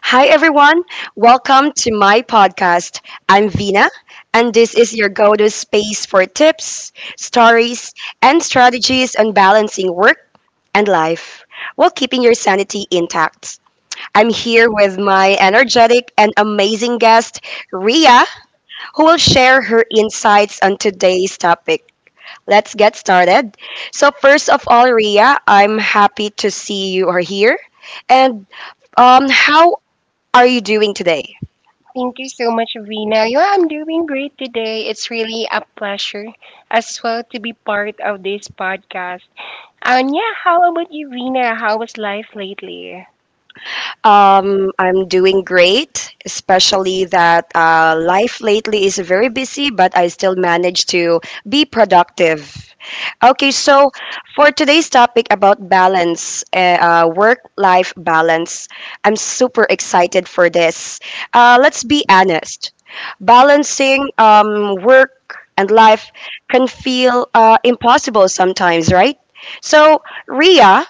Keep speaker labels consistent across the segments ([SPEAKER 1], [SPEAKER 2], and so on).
[SPEAKER 1] Hi, everyone. Welcome to my podcast. I'm Vina, and this is your go to space for tips, stories, and strategies on balancing work and life while keeping your sanity intact. I'm here with my energetic and amazing guest, Ria, who will share her insights on today's topic. Let's get started. So, first of all, Ria, I'm happy to see you are here. And how are you doing today?
[SPEAKER 2] Thank you so much, Vina. Yeah, I'm doing great today. It's really a pleasure as well to be part of this podcast. And yeah, how about you, Vina? How was life lately?
[SPEAKER 1] I'm doing great, especially that life lately is very busy, but I still manage to be productive. Okay, so for today's topic about balance, work life balance, I'm super excited for this. Let's be honest, balancing work and life can feel impossible sometimes, right? So, Ria,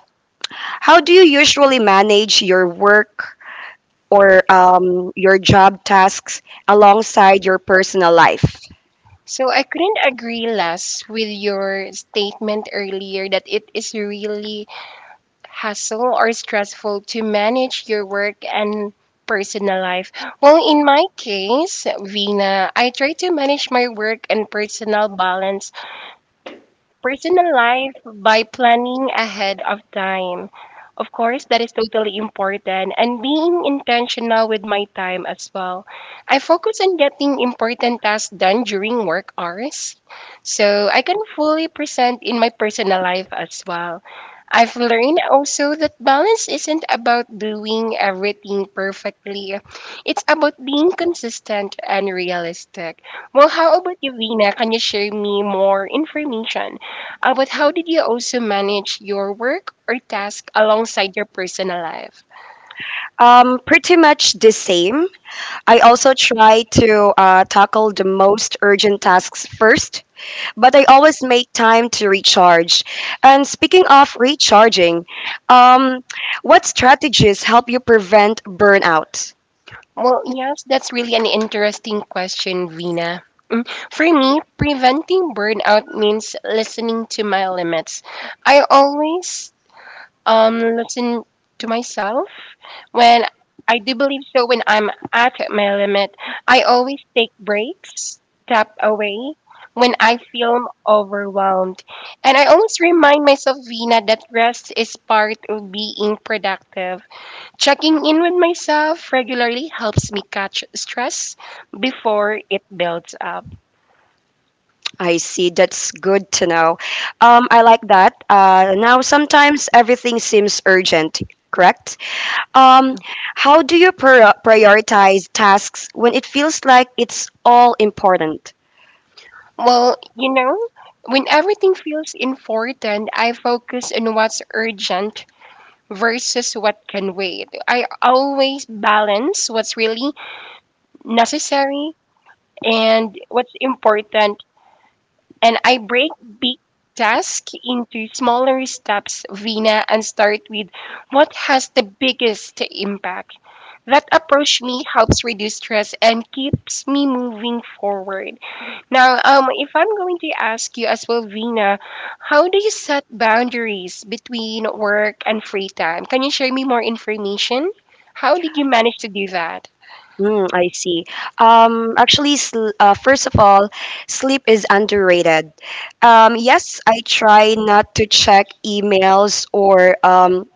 [SPEAKER 1] how do you usually manage your work or your job tasks alongside your personal life?
[SPEAKER 2] So I couldn't agree less with your statement earlier that it is really hassle or stressful to manage your work and personal life. Well, in my case, Vina, I try to manage my work and personal life by planning ahead of time. Of course, that is totally important and being intentional with my time as well. I focus on getting important tasks done during work hours so I can fully present in my personal life as well. I've learned also that balance isn't about doing everything perfectly. It's about being consistent and realistic. Well, how about you, Vina? Can you share me more information but how did you also manage your work or task alongside your personal life?
[SPEAKER 1] Pretty much the same. I also try to tackle the most urgent tasks first, but I always make time to recharge. And speaking of recharging, um, what strategies help you prevent burnout?
[SPEAKER 2] Well, yes, that's really an interesting question, Vina. Mm, For me, preventing burnout means listening to my limits. I always listen to myself when I do believe so. When I'm at my limit, I always take breaks, step away when I feel overwhelmed, and I always remind myself, Vina, that rest is part of being productive. Checking in with myself regularly helps me catch stress before it builds up.
[SPEAKER 1] I see. That's good to know. I like that. Now, sometimes everything seems urgent, correct? Um, how do you prioritize tasks when it feels like it's all important?
[SPEAKER 2] Well, you know, when everything feels important, I focus on what's urgent versus what can wait. I always balance what's really necessary and what's important, and I break big tasks into smaller steps, Vina, and start with what has the biggest impact. That approach me helps reduce stress and keeps me moving forward. Now, if I'm going to ask you as well, Vina, how do you set boundaries between work and free time? Can you share me more information? How did you manage to do that?
[SPEAKER 1] Mm, I see. Actually, first of all, sleep is underrated. Yes, I try not to check emails or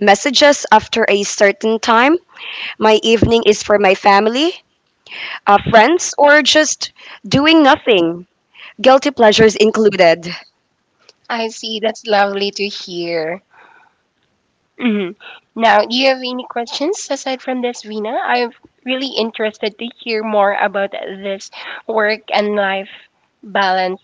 [SPEAKER 1] messages after a certain time. My evening is for my family, friends, or just doing nothing, guilty pleasures included.
[SPEAKER 2] I see. That's lovely to hear. Mhm. Now, do you have any questions aside from this, Vina? I'm really interested to hear more about this work and life balance.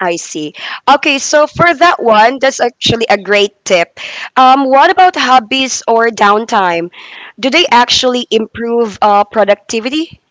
[SPEAKER 1] I see. Okay, so for that one, that's actually a great tip. What about hobbies or downtime? Do they actually improve productivity?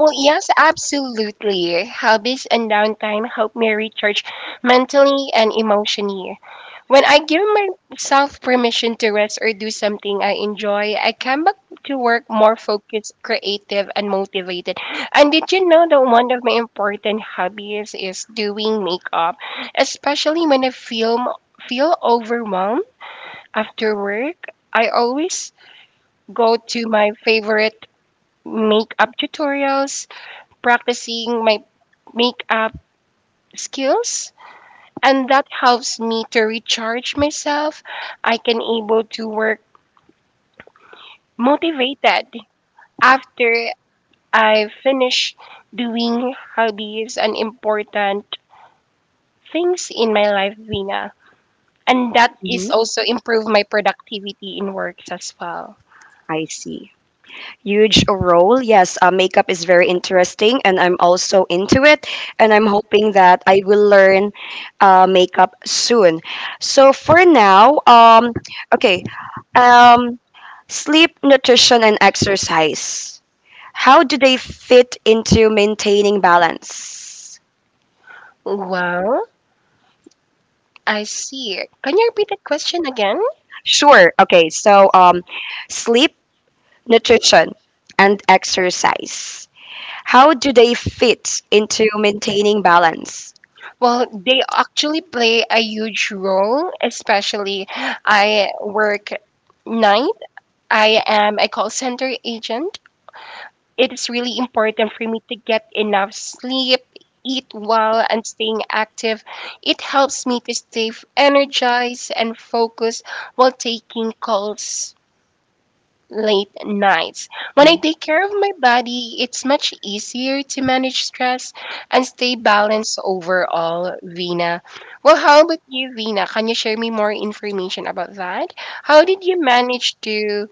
[SPEAKER 2] Well, yes, absolutely. Hobbies and downtime help me recharge mentally and emotionally. When I give myself permission to rest or do something I enjoy, I come back to work more focused, creative, and motivated. And did you know that one of my important hobbies is doing makeup, especially when I feel overwhelmed after work? I always go to my favorite makeup tutorials practicing my makeup skills, and that helps me to recharge myself. I can able to work motivated after I finish doing hobbies and important things in my life, Vina. And that is
[SPEAKER 1] hmm
[SPEAKER 2] also improve my productivity in works as well.
[SPEAKER 1] I see. Huge role. Yes, makeup is very interesting, and I'm also into it. And I'm hoping that I will learn makeup soon. So for now, okay, um, sleep, nutrition, and exercise. How do they fit into maintaining balance?
[SPEAKER 2] Well, I see. Can you repeat that question again?
[SPEAKER 1] Sure. Okay. So, sleep, nutrition, and exercise. How do they fit into maintaining balance?
[SPEAKER 2] Well, they actually play a huge role, especially I work night. I am a call center agent. It is really important for me to get enough sleep, eat well, and staying active. It helps me to stay energized and focused while taking calls late nights. When I
[SPEAKER 1] Mhm.
[SPEAKER 2] take care of my body, it's much easier to manage stress and stay balanced overall, Vina. Well, how about you, Vina? Can you share me more information about that? How did you manage to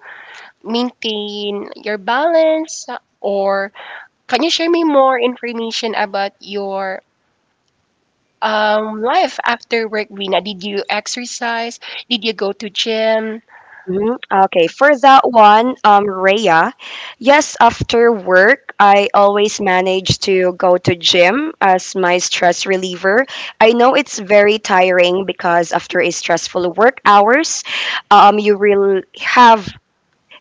[SPEAKER 2] maintain your balance? Or can you share me more information about your life after work, Vina? Did you exercise? Did you go to gym?
[SPEAKER 1] Okay, for that one, Rhea, yes, after work, I always manage to go to gym as my stress reliever. I know it's very tiring because after a stressful work hours, you will have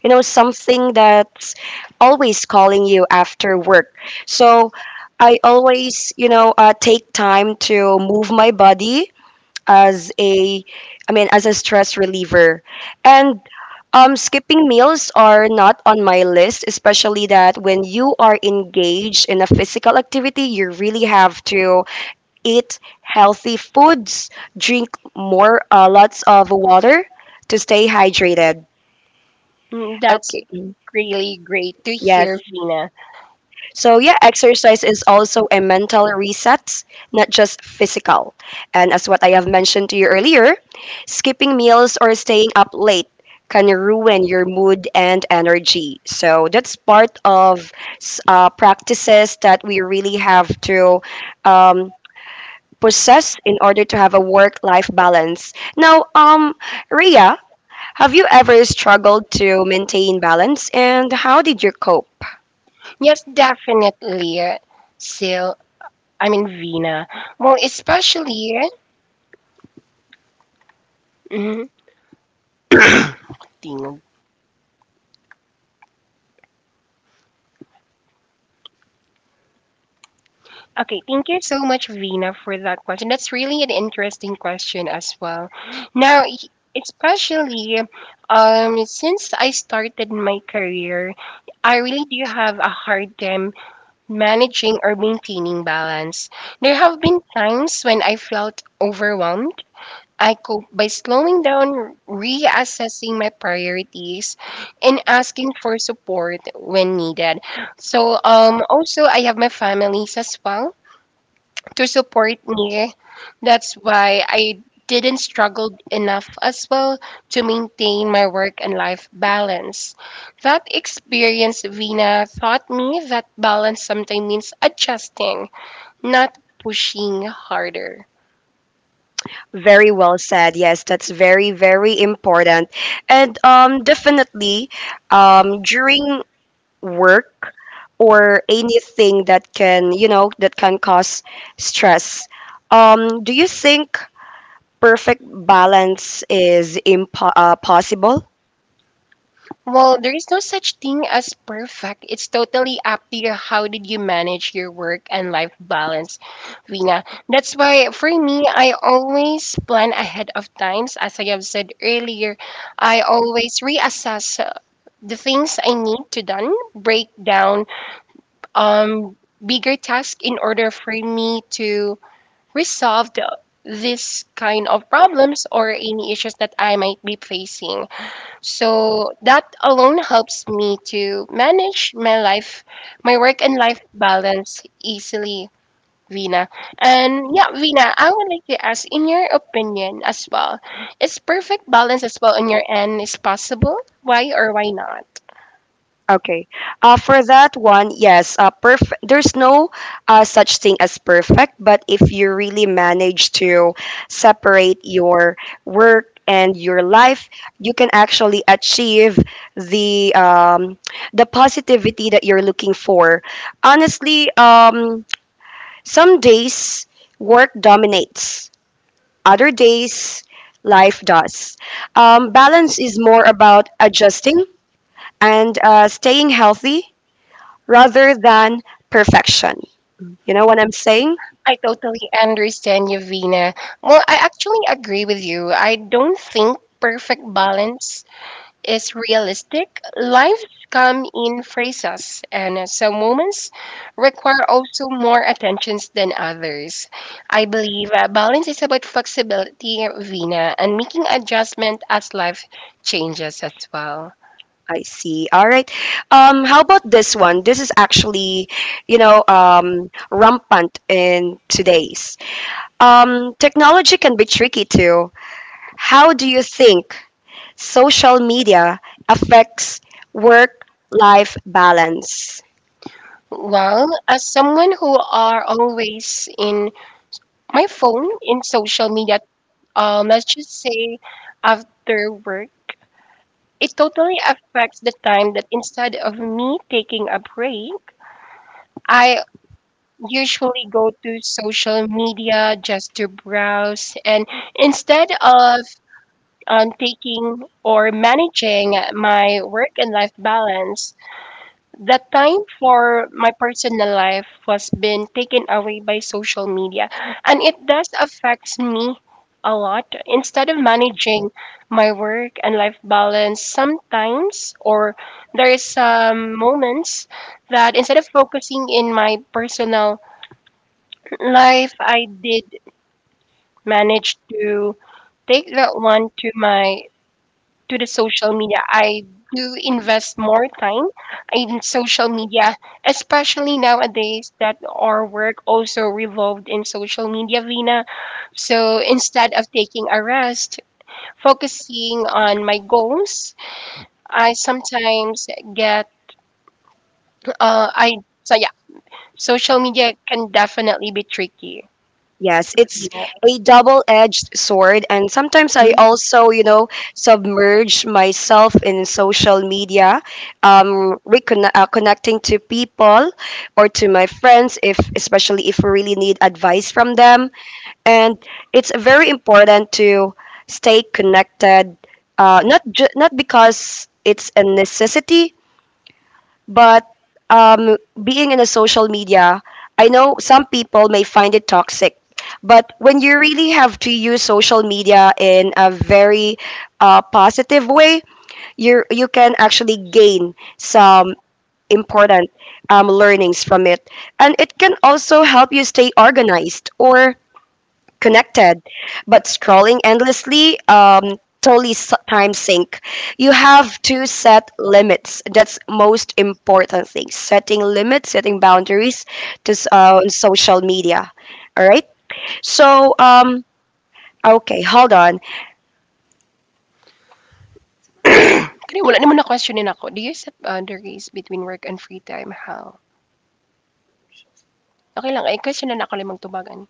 [SPEAKER 1] you know, something that's always calling you after work. So I always, you know, take time to move my body as a, I mean, as a stress reliever. And skipping meals are not on my list, especially that when you are engaged in a physical activity, you really have to eat healthy foods, drink more, lots of water to stay hydrated.
[SPEAKER 2] Mm, that's
[SPEAKER 1] Okay.
[SPEAKER 2] really great to
[SPEAKER 1] Yes.
[SPEAKER 2] hear, Vina.
[SPEAKER 1] So yeah, exercise is also a mental reset, not just physical. And as what I have mentioned to you earlier, skipping meals or staying up late can ruin your mood and energy. So that's part of practices that we really have to um, possess in order to have a work-life balance. Now, Ria, have you ever struggled to maintain balance, and how did you cope?
[SPEAKER 2] Yes, definitely, Sil. I mean, Vina. Well, especially. Mhm, Tingog. Okay, thank you so much, Vina, for that question. That's really an interesting question as well. Now, especially since I started my career, I really do have a hard time managing or maintaining balance. There have been times when I felt overwhelmed. I cope by slowing down, reassessing my priorities, and asking for support when needed. So, also, I have my families as well to support me. That's why I didn't struggle enough as well to maintain my work and life balance. That experience, Vina, taught me that balance sometimes means adjusting, not pushing harder.
[SPEAKER 1] Very well said. Yes, that's very, very important. And definitely, during work or anything that can, you know, that can cause stress, do you think perfect balance is possible?
[SPEAKER 2] Well, there is no such thing as perfect. It's totally up to you. How did you manage your work and life balance, Vina? That's why for me, I always plan ahead of times. As I have said earlier, I always reassess the things I need to done, break down bigger tasks in order for me to resolve this kind of problems or any issues that I might be facing. So that alone helps me to manage my life, my work and life balance easily, Vina. And yeah, Vina, I would like to ask, in your opinion as well, is perfect balance as well on your end is possible? Why or why not?
[SPEAKER 1] Okay. For that one, yes, there's no such thing as perfect, but if you really manage to separate your work and your life, you can actually achieve the um, the positivity that you're looking for. Honestly, some days work dominates, other days life does. Balance is more about adjusting and staying healthy rather than perfection. You know what I'm saying?
[SPEAKER 2] I totally understand you, Vina. Well, I actually agree with you. I don't think perfect balance is realistic. Lives come in phases, and some moments require also more attentions than others. I believe balance is about flexibility, Vina, and making adjustment as life changes as well.
[SPEAKER 1] I see. All right. How about this one? This is actually, you know, rampant in today's. Technology can be tricky too. How do you think social media affects work life balance?
[SPEAKER 2] Well, as someone who are always in my phone in social media, let's just say after work, it totally affects the time that instead of me taking a break, I usually go to social media just to browse, and instead of taking or managing my work and life balance, the time for my personal life was been taken away by social media, and it does affects me a lot instead of managing my work and life balance sometimes. Or there is some moments that instead of focusing in my personal life, I did manage to take that one to my to the social media. I do invest more time in social media, especially nowadays that our work also revolved in social media, Vina. So instead of taking a rest, focusing on my goals, I sometimes get I so yeah, social media can definitely be tricky.
[SPEAKER 1] Yes, it's a double-edged sword, and sometimes I also, you know, submerge myself in social media, connecting to people or to my friends, if especially if we really need advice from them. And it's very important to stay connected, not because it's a necessity, but being in a social media, I know some people may find it toxic. But when you really have to use social media in a very positive way, you can actually gain some important learnings from it, and it can also help you stay organized or connected, but scrolling endlessly time sink. You have to set limits. That's most important thing. Setting limits, setting boundaries on social media. All right. So okay, hold on.
[SPEAKER 2] Kaya wala naman na questionin ako. Do you set boundaries between work and free time? How? Okay lang, ay questionan ako limang tubagan.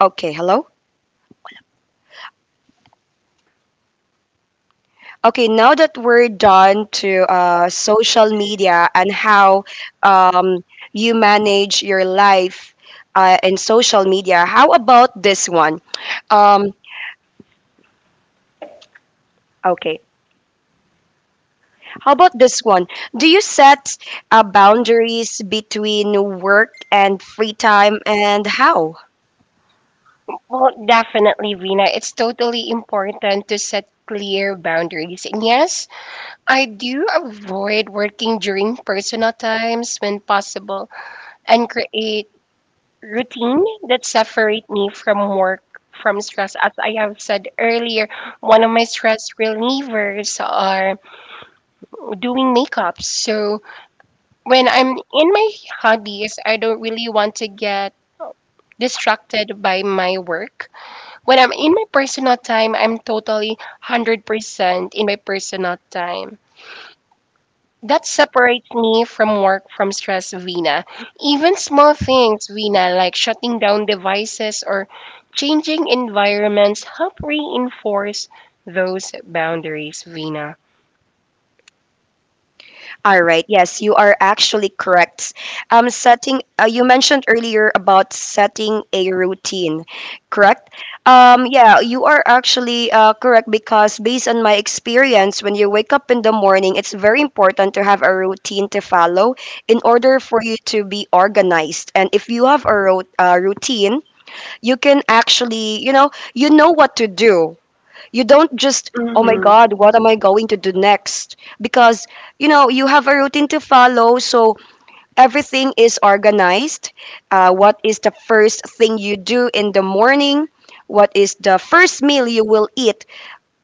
[SPEAKER 1] Okay, hello. Okay, now that we're done to social media and how um, you manage your life in social media, how about this one? Um, okay, How about this one? Do you set boundaries between work and free time and how?
[SPEAKER 2] Well, definitely, Vina. It's totally important to set clear boundaries. And yes, I do avoid working during personal times when possible and create routine that separate me from work from stress. As I have said earlier, one of my stress relievers are doing makeup. So when I'm in my hobbies, I don't really want to get distracted by my work. When I'm in my personal time, I'm totally 100% in my personal time. That separates me from work from stress, Vina. Even small things, Vina, like shutting down devices or changing environments, help reinforce those boundaries, Vina.
[SPEAKER 1] All right, yes, you are actually correct. You mentioned earlier about setting a routine, correct? Yeah, you are actually correct because based on my experience, when you wake up in the morning, it's very important to have a routine to follow in order for you to be organized. And if you have a routine, you can actually you know what to do. You don't just oh my
[SPEAKER 2] Mhm.
[SPEAKER 1] god what am I going to do next because you know you have a routine to follow, so everything is organized. What is the first thing you do in the morning, what is the first meal you will eat,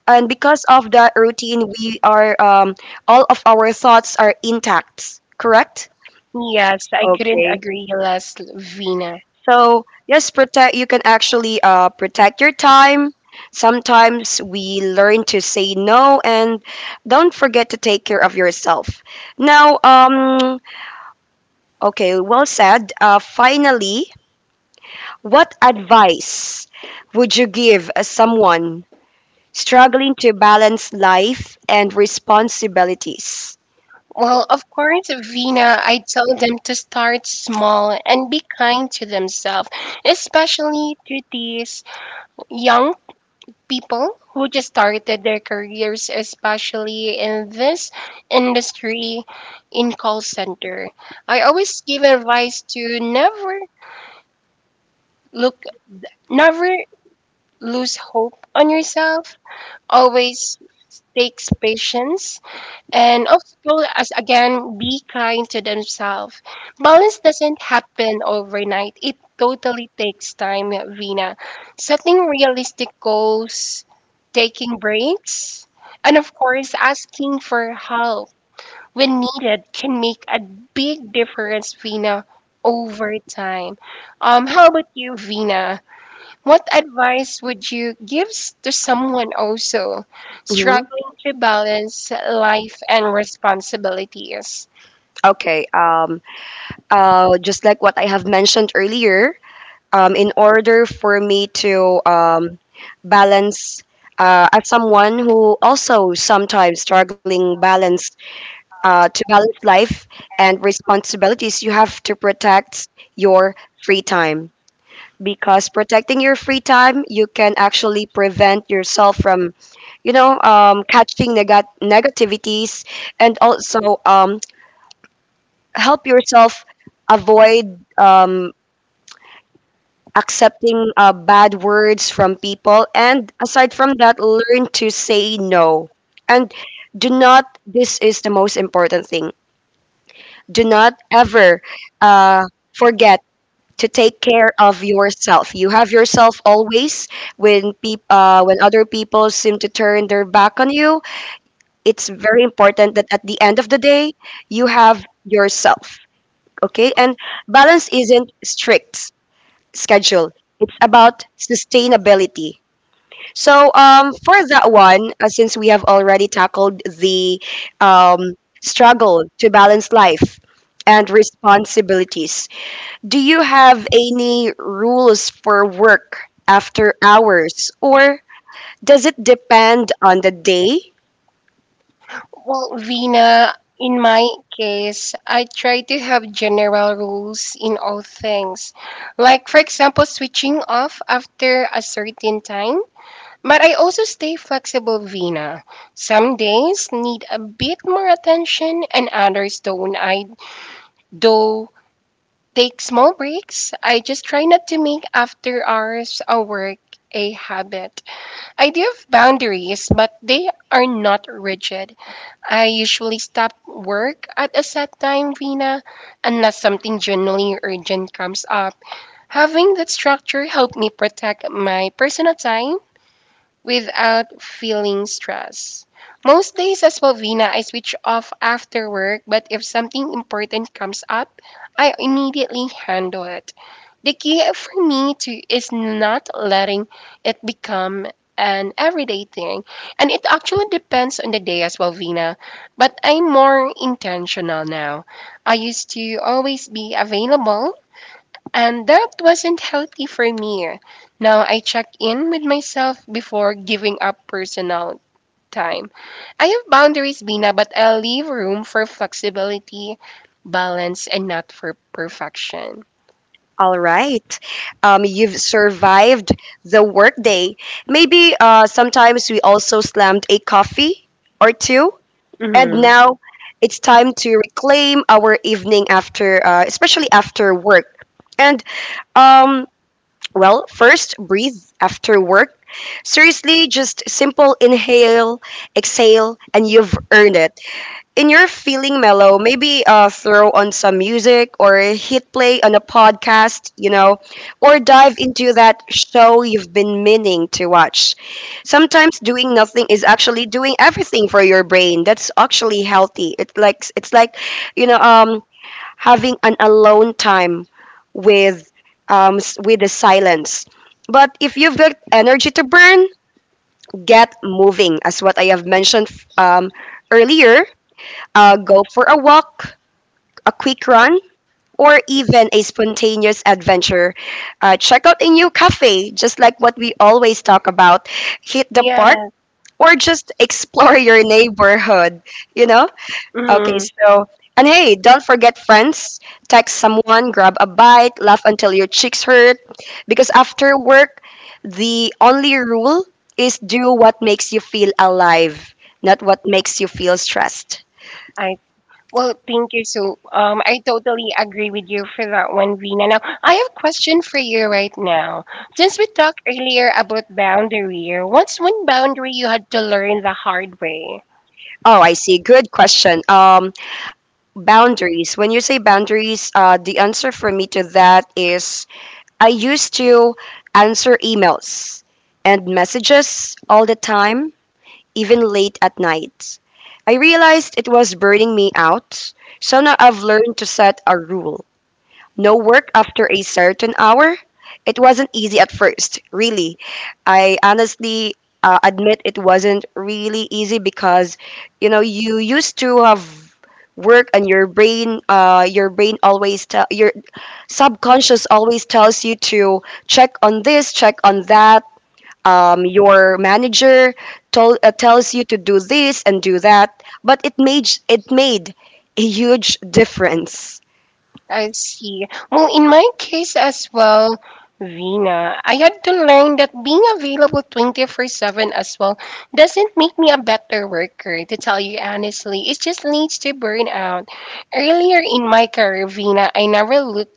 [SPEAKER 1] and because of that routine we are all of our thoughts are intact, correct?
[SPEAKER 2] Yes, I couldn't
[SPEAKER 1] Okay.
[SPEAKER 2] agree less, Vina.
[SPEAKER 1] So yes, protect. You can actually protect your time. Sometimes we learn to say no, and don't forget to take care of yourself. Now, okay, well said. Finally, what advice would you give as someone struggling to balance life and responsibilities?
[SPEAKER 2] Well, of course, Vina, I tell them to start small and be kind to themselves, especially to these young people who just started their careers, especially in this industry in call center. I always give advice to never look, never lose hope on yourself. Always takes patience. And also as again, be kind to themselves. Balance doesn't happen overnight. It totally takes time, Vina. Setting realistic goals, taking breaks, and of course, asking for help when needed can make a big difference, Vina, over time. How about you, Vina? What advice would you give to someone also
[SPEAKER 1] hmm
[SPEAKER 2] struggling to balance life and responsibilities?
[SPEAKER 1] Okay, just like what I have mentioned earlier, in order for me to balance as someone who also sometimes struggling balance to balance life and responsibilities, you have to protect your free time, because protecting your free time you can actually prevent yourself from you know negativities, and also help yourself avoid accepting bad words from people, and aside from that, learn to say no. And do not, this is the most important thing, do not ever uh, forget to take care of yourself. You have yourself always when other people seem to turn their back on you. It's very important that at the end of the day, you have yourself. Okay? And balance isn't strict schedule. It's about sustainability. So for that one, since we have already tackled the um, struggle to balance life and responsibilities, do you have any rules for work after hours, or does it depend on the day?
[SPEAKER 2] Well, Vina, in my case, I try to have general rules in all things. Like, for example, switching off after a certain time. But I also stay flexible, Vina. Some days need a bit more attention, and others don't. I do take small breaks. I just try not to make after hours of work a habit. I do have boundaries, but they are not rigid. I usually stop work at a set time, Vina, unless something genuinely urgent comes up. Having that structure helped me protect my personal time without feeling stress. Most days as Bovina, I switch off after work, but if something important comes up, I immediately handle it. The key for me to is not letting it become an everyday thing. And it actually depends on the day as well, Vina. But I'm more intentional now. I used to always be available, and that wasn't healthy for me. Now I check in with myself before giving up personal time. I have boundaries, Bina, but I leave room for flexibility, balance, and not for perfection.
[SPEAKER 1] All right, you've survived the workday. Maybe sometimes we also slammed a coffee or two. And
[SPEAKER 2] Mm-hmm.
[SPEAKER 1] now it's time to reclaim our evening after, especially after work. And, um, well, first breathe after work. Seriously, just simple inhale, exhale, and you've earned it in your feeling mellow, maybe throw on some music or hit play on a podcast, you know, or dive into that show you've been meaning to watch. Sometimes doing nothing is actually doing everything for your brain. That's actually healthy. It like it's like, you know, having an alone time with with the silence. But if you've got energy to burn, get moving, as what I have mentioned um, earlier go for a walk, a quick run, or even a spontaneous adventure. Check out a new cafe, just like what we always talk about. Hit the park
[SPEAKER 2] Yeah.
[SPEAKER 1] or just explore your neighborhood, you know? Okay,
[SPEAKER 2] Mm-hmm.
[SPEAKER 1] so, and hey, don't forget friends. Text someone, grab a bite, laugh until your cheeks hurt. Because after work, the only rule is do what makes you feel alive, not what makes you feel stressed.
[SPEAKER 2] I well, thank you. So, I totally agree with you for that one, Vina. Now, I have a question for you right now. Since we talked earlier about boundary, what's one boundary you had to learn the hard way?
[SPEAKER 1] Oh, I see. Good question. Boundaries. When you say boundaries, the answer for me to that is I used to answer emails and messages all the time, even late at night. I realized it was burning me out, so now I've learned to set a rule. No work after a certain hour? It wasn't easy at first, really. I honestly admit it wasn't really easy because, you know, you used to have work and your brain always tell your subconscious always tells you to check on this check on that your manager told tells you to do this and do that, but it made a huge difference.
[SPEAKER 2] I see. Well, in my case as well, Rina, I had to learn that being available 24/7 as well doesn't make me a better worker, to tell you honestly. It just leads to burnout. Earlier in my career, Rina, I never looked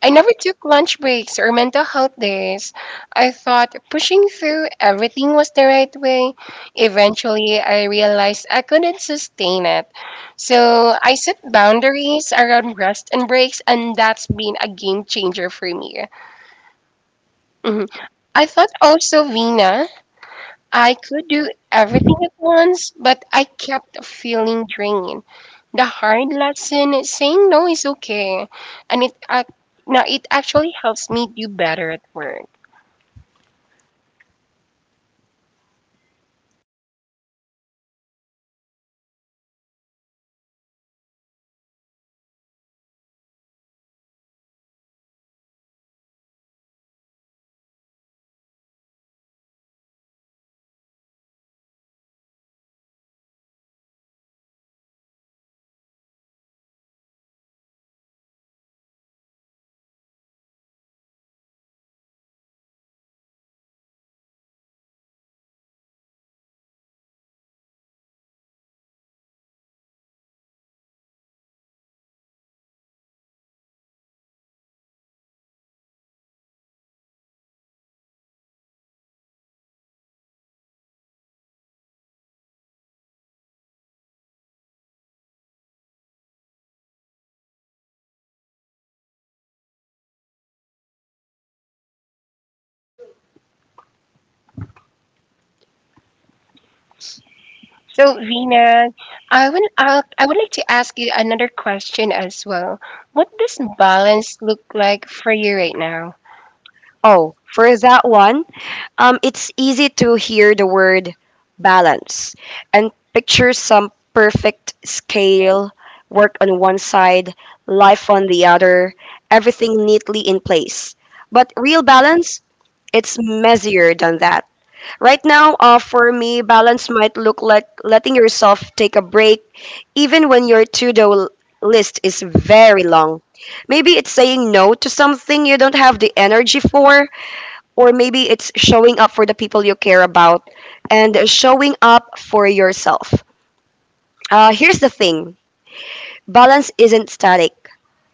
[SPEAKER 2] I never took lunch breaks or mental health days. I thought pushing through everything was the right way. Eventually, I realized I couldn't sustain it. So I set boundaries around rest and breaks, and that's been a game changer for me. Mhm. I thought also, Vina, I could do everything at once, but I kept feeling drained. The hard lesson is saying no is okay, and now it actually helps me do better at work. So Vina, I would like to ask you another question as well. What does balance look like for you right now?
[SPEAKER 1] Oh, for that one, it's easy to hear the word balance and picture some perfect scale, work on one side, life on the other, everything neatly in place. But real balance, it's messier than that. Right now, for me, balance might look like letting yourself take a break even when your to do list is very long. Maybe it's saying no to something you don't have the energy for, or maybe it's showing up for the people you care about and showing up for yourself. Here's the thing, balance isn't static,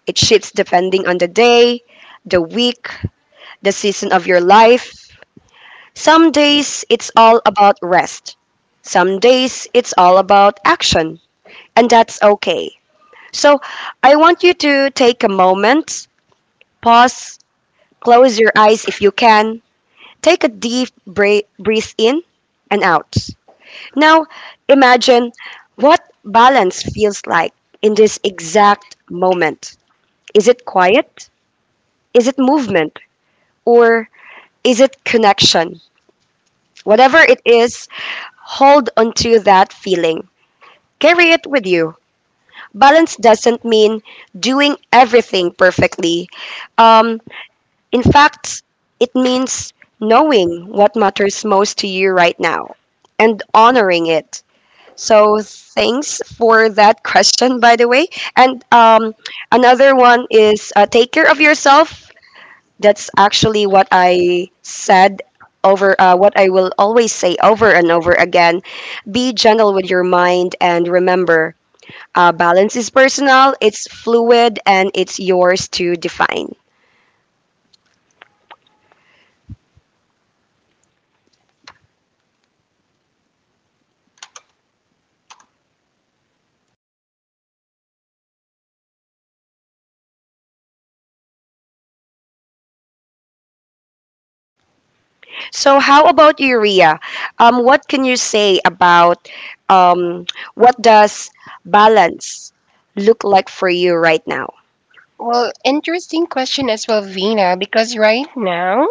[SPEAKER 1] it shifts depending on the day, the week, the season of your life. Some days it's all about rest, some days it's all about action, and that's okay. So I want you to take a moment, pause, close your eyes if you can, take a deep breath, breathe in and out. Now, imagine what balance feels like in this exact moment. Is it quiet? Is it movement? Or is it connection? Whatever it is, hold onto that feeling. Carry it with you. Balance doesn't mean doing everything perfectly. Um, in fact, it means knowing what matters most to you right now and honoring it. So thanks for that question, by the way. And another one is take care of yourself. That's actually what I said over what I will always say over and over again. Be gentle with your mind and remember, balance is personal, it's fluid, and it's yours to define. So how about you, Rhea? What can you say about um, what does balance look like for you right now?
[SPEAKER 2] Well, interesting question as well, Vina, because right now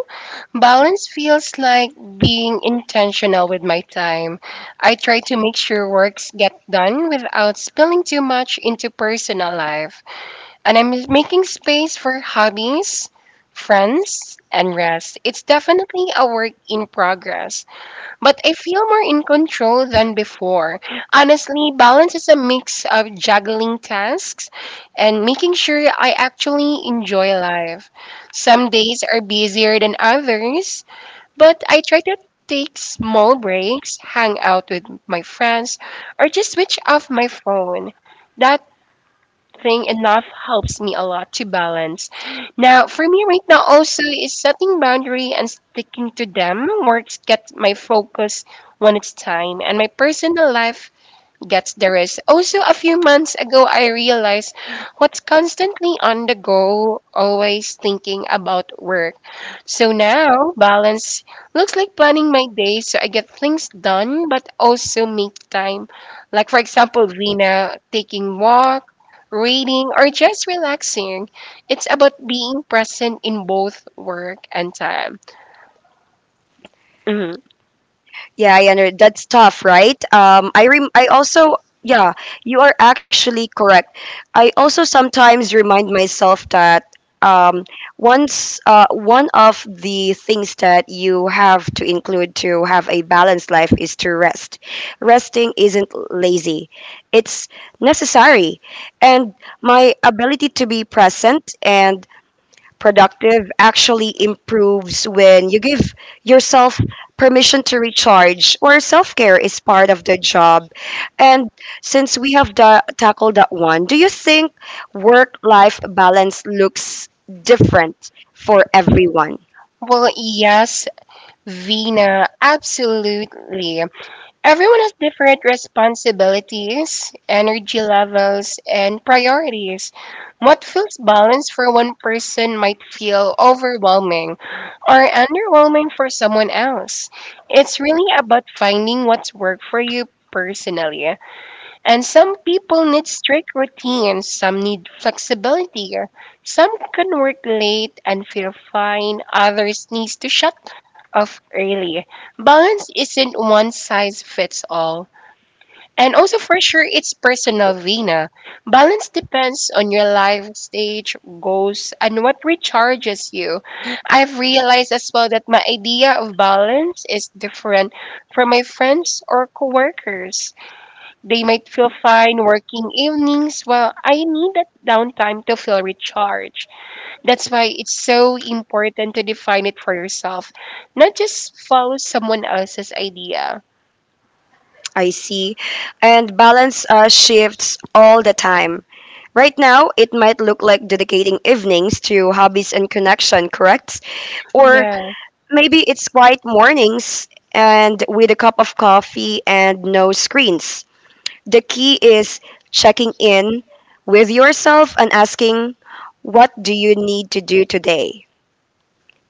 [SPEAKER 2] balance feels like being intentional with my time. I try to make sure works get done without spilling too much into personal life. And I'm making space for hobbies, friends, and rest. It's definitely a work in progress, but I feel more in control than before. Honestly, balance is a mix of juggling tasks and making sure I actually enjoy life. Some days are busier than others, but I try to take small breaks, hang out with my friends, or just switch off my phone. That thing enough helps me a lot to balance. Now, for me right now also is setting boundary and sticking to them. Works get my focus when it's time, and my personal life gets the rest. Also, a few months ago, I realized what's constantly on the go, always thinking about work. So now, balance looks like planning my day so I get things done, but also make time. Like, for example, Vina, taking walk, reading, or just relaxing. It's about being present in both work and time. Mhm.
[SPEAKER 1] Yeah, I under that's tough, right? I also yeah, you are actually correct. I also sometimes remind myself that um, once one of the things that you have to include to have a balanced life is to rest. Resting isn't lazy; it's necessary. And my ability to be present and productive actually improves when you give yourself permission to recharge or self-care is part of the job. And since we have tackled that one, do you think work-life balance looks different for everyone?
[SPEAKER 2] Well, yes, Vina, absolutely. Everyone has different responsibilities, energy levels, and priorities. What feels balanced for one person might feel overwhelming or underwhelming for someone else. It's really about finding what's worked for you personally. And some people need strict routines, some need flexibility, some can work late and feel fine, others needs to shut off early. Balance isn't one size fits all. And also for sure it's personal, Vina. Balance depends on your life stage, goals, and what recharges you. I've realized as well that my idea of balance is different from my friends or coworkers. They might feel fine working evenings while I need that downtime to feel recharged. That's why it's so important to define it for yourself, not just follow someone else's idea.
[SPEAKER 1] I see. And balance shifts all the time. Right now, it might look like dedicating evenings to hobbies and connection, correct? Or
[SPEAKER 2] Yeah,
[SPEAKER 1] maybe it's quiet mornings and with a cup of coffee and no screens. The key is checking in with yourself and asking, what do you need to do today?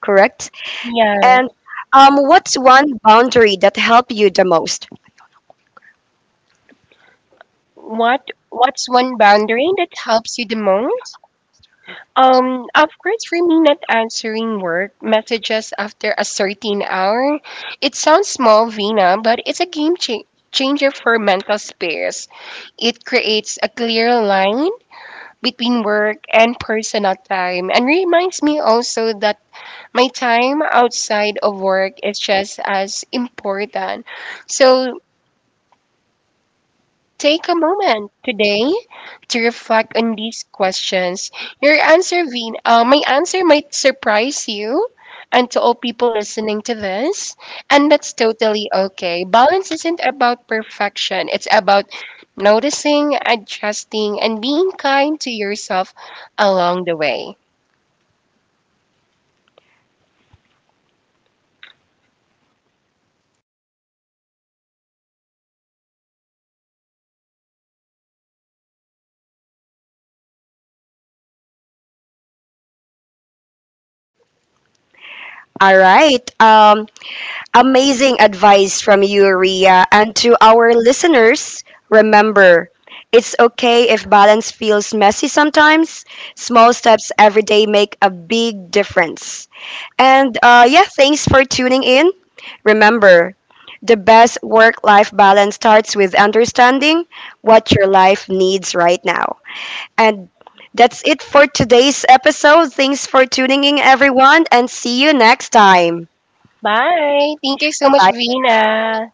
[SPEAKER 1] Correct?
[SPEAKER 2] yeah.
[SPEAKER 1] And what's one boundary that helped you the most?
[SPEAKER 2] What's one boundary that helps you the most? Of course, for me, not answering work messages after a certain hour, it sounds small, Vina, but it's a changer for mental space. It creates a clear line between work and personal time and reminds me also that my time outside of work is just as important. So take a moment today to reflect on these questions. Your answer, my answer might surprise you, and to all people listening to this, and that's totally okay. Balance isn't about perfection, it's about noticing, adjusting, and being kind to yourself along the way.
[SPEAKER 1] All right. Amazing advice from you, Rhea. And to our listeners, remember, it's okay if balance feels messy sometimes. Small steps every day make a big difference. And yeah, thanks for tuning in. Remember, the best work life balance starts with understanding what your life needs right now. And that's it for today's episode. Thanks for tuning in, everyone, and see you next time.
[SPEAKER 2] Bye. Thank you so much,
[SPEAKER 1] Bye
[SPEAKER 2] Vina.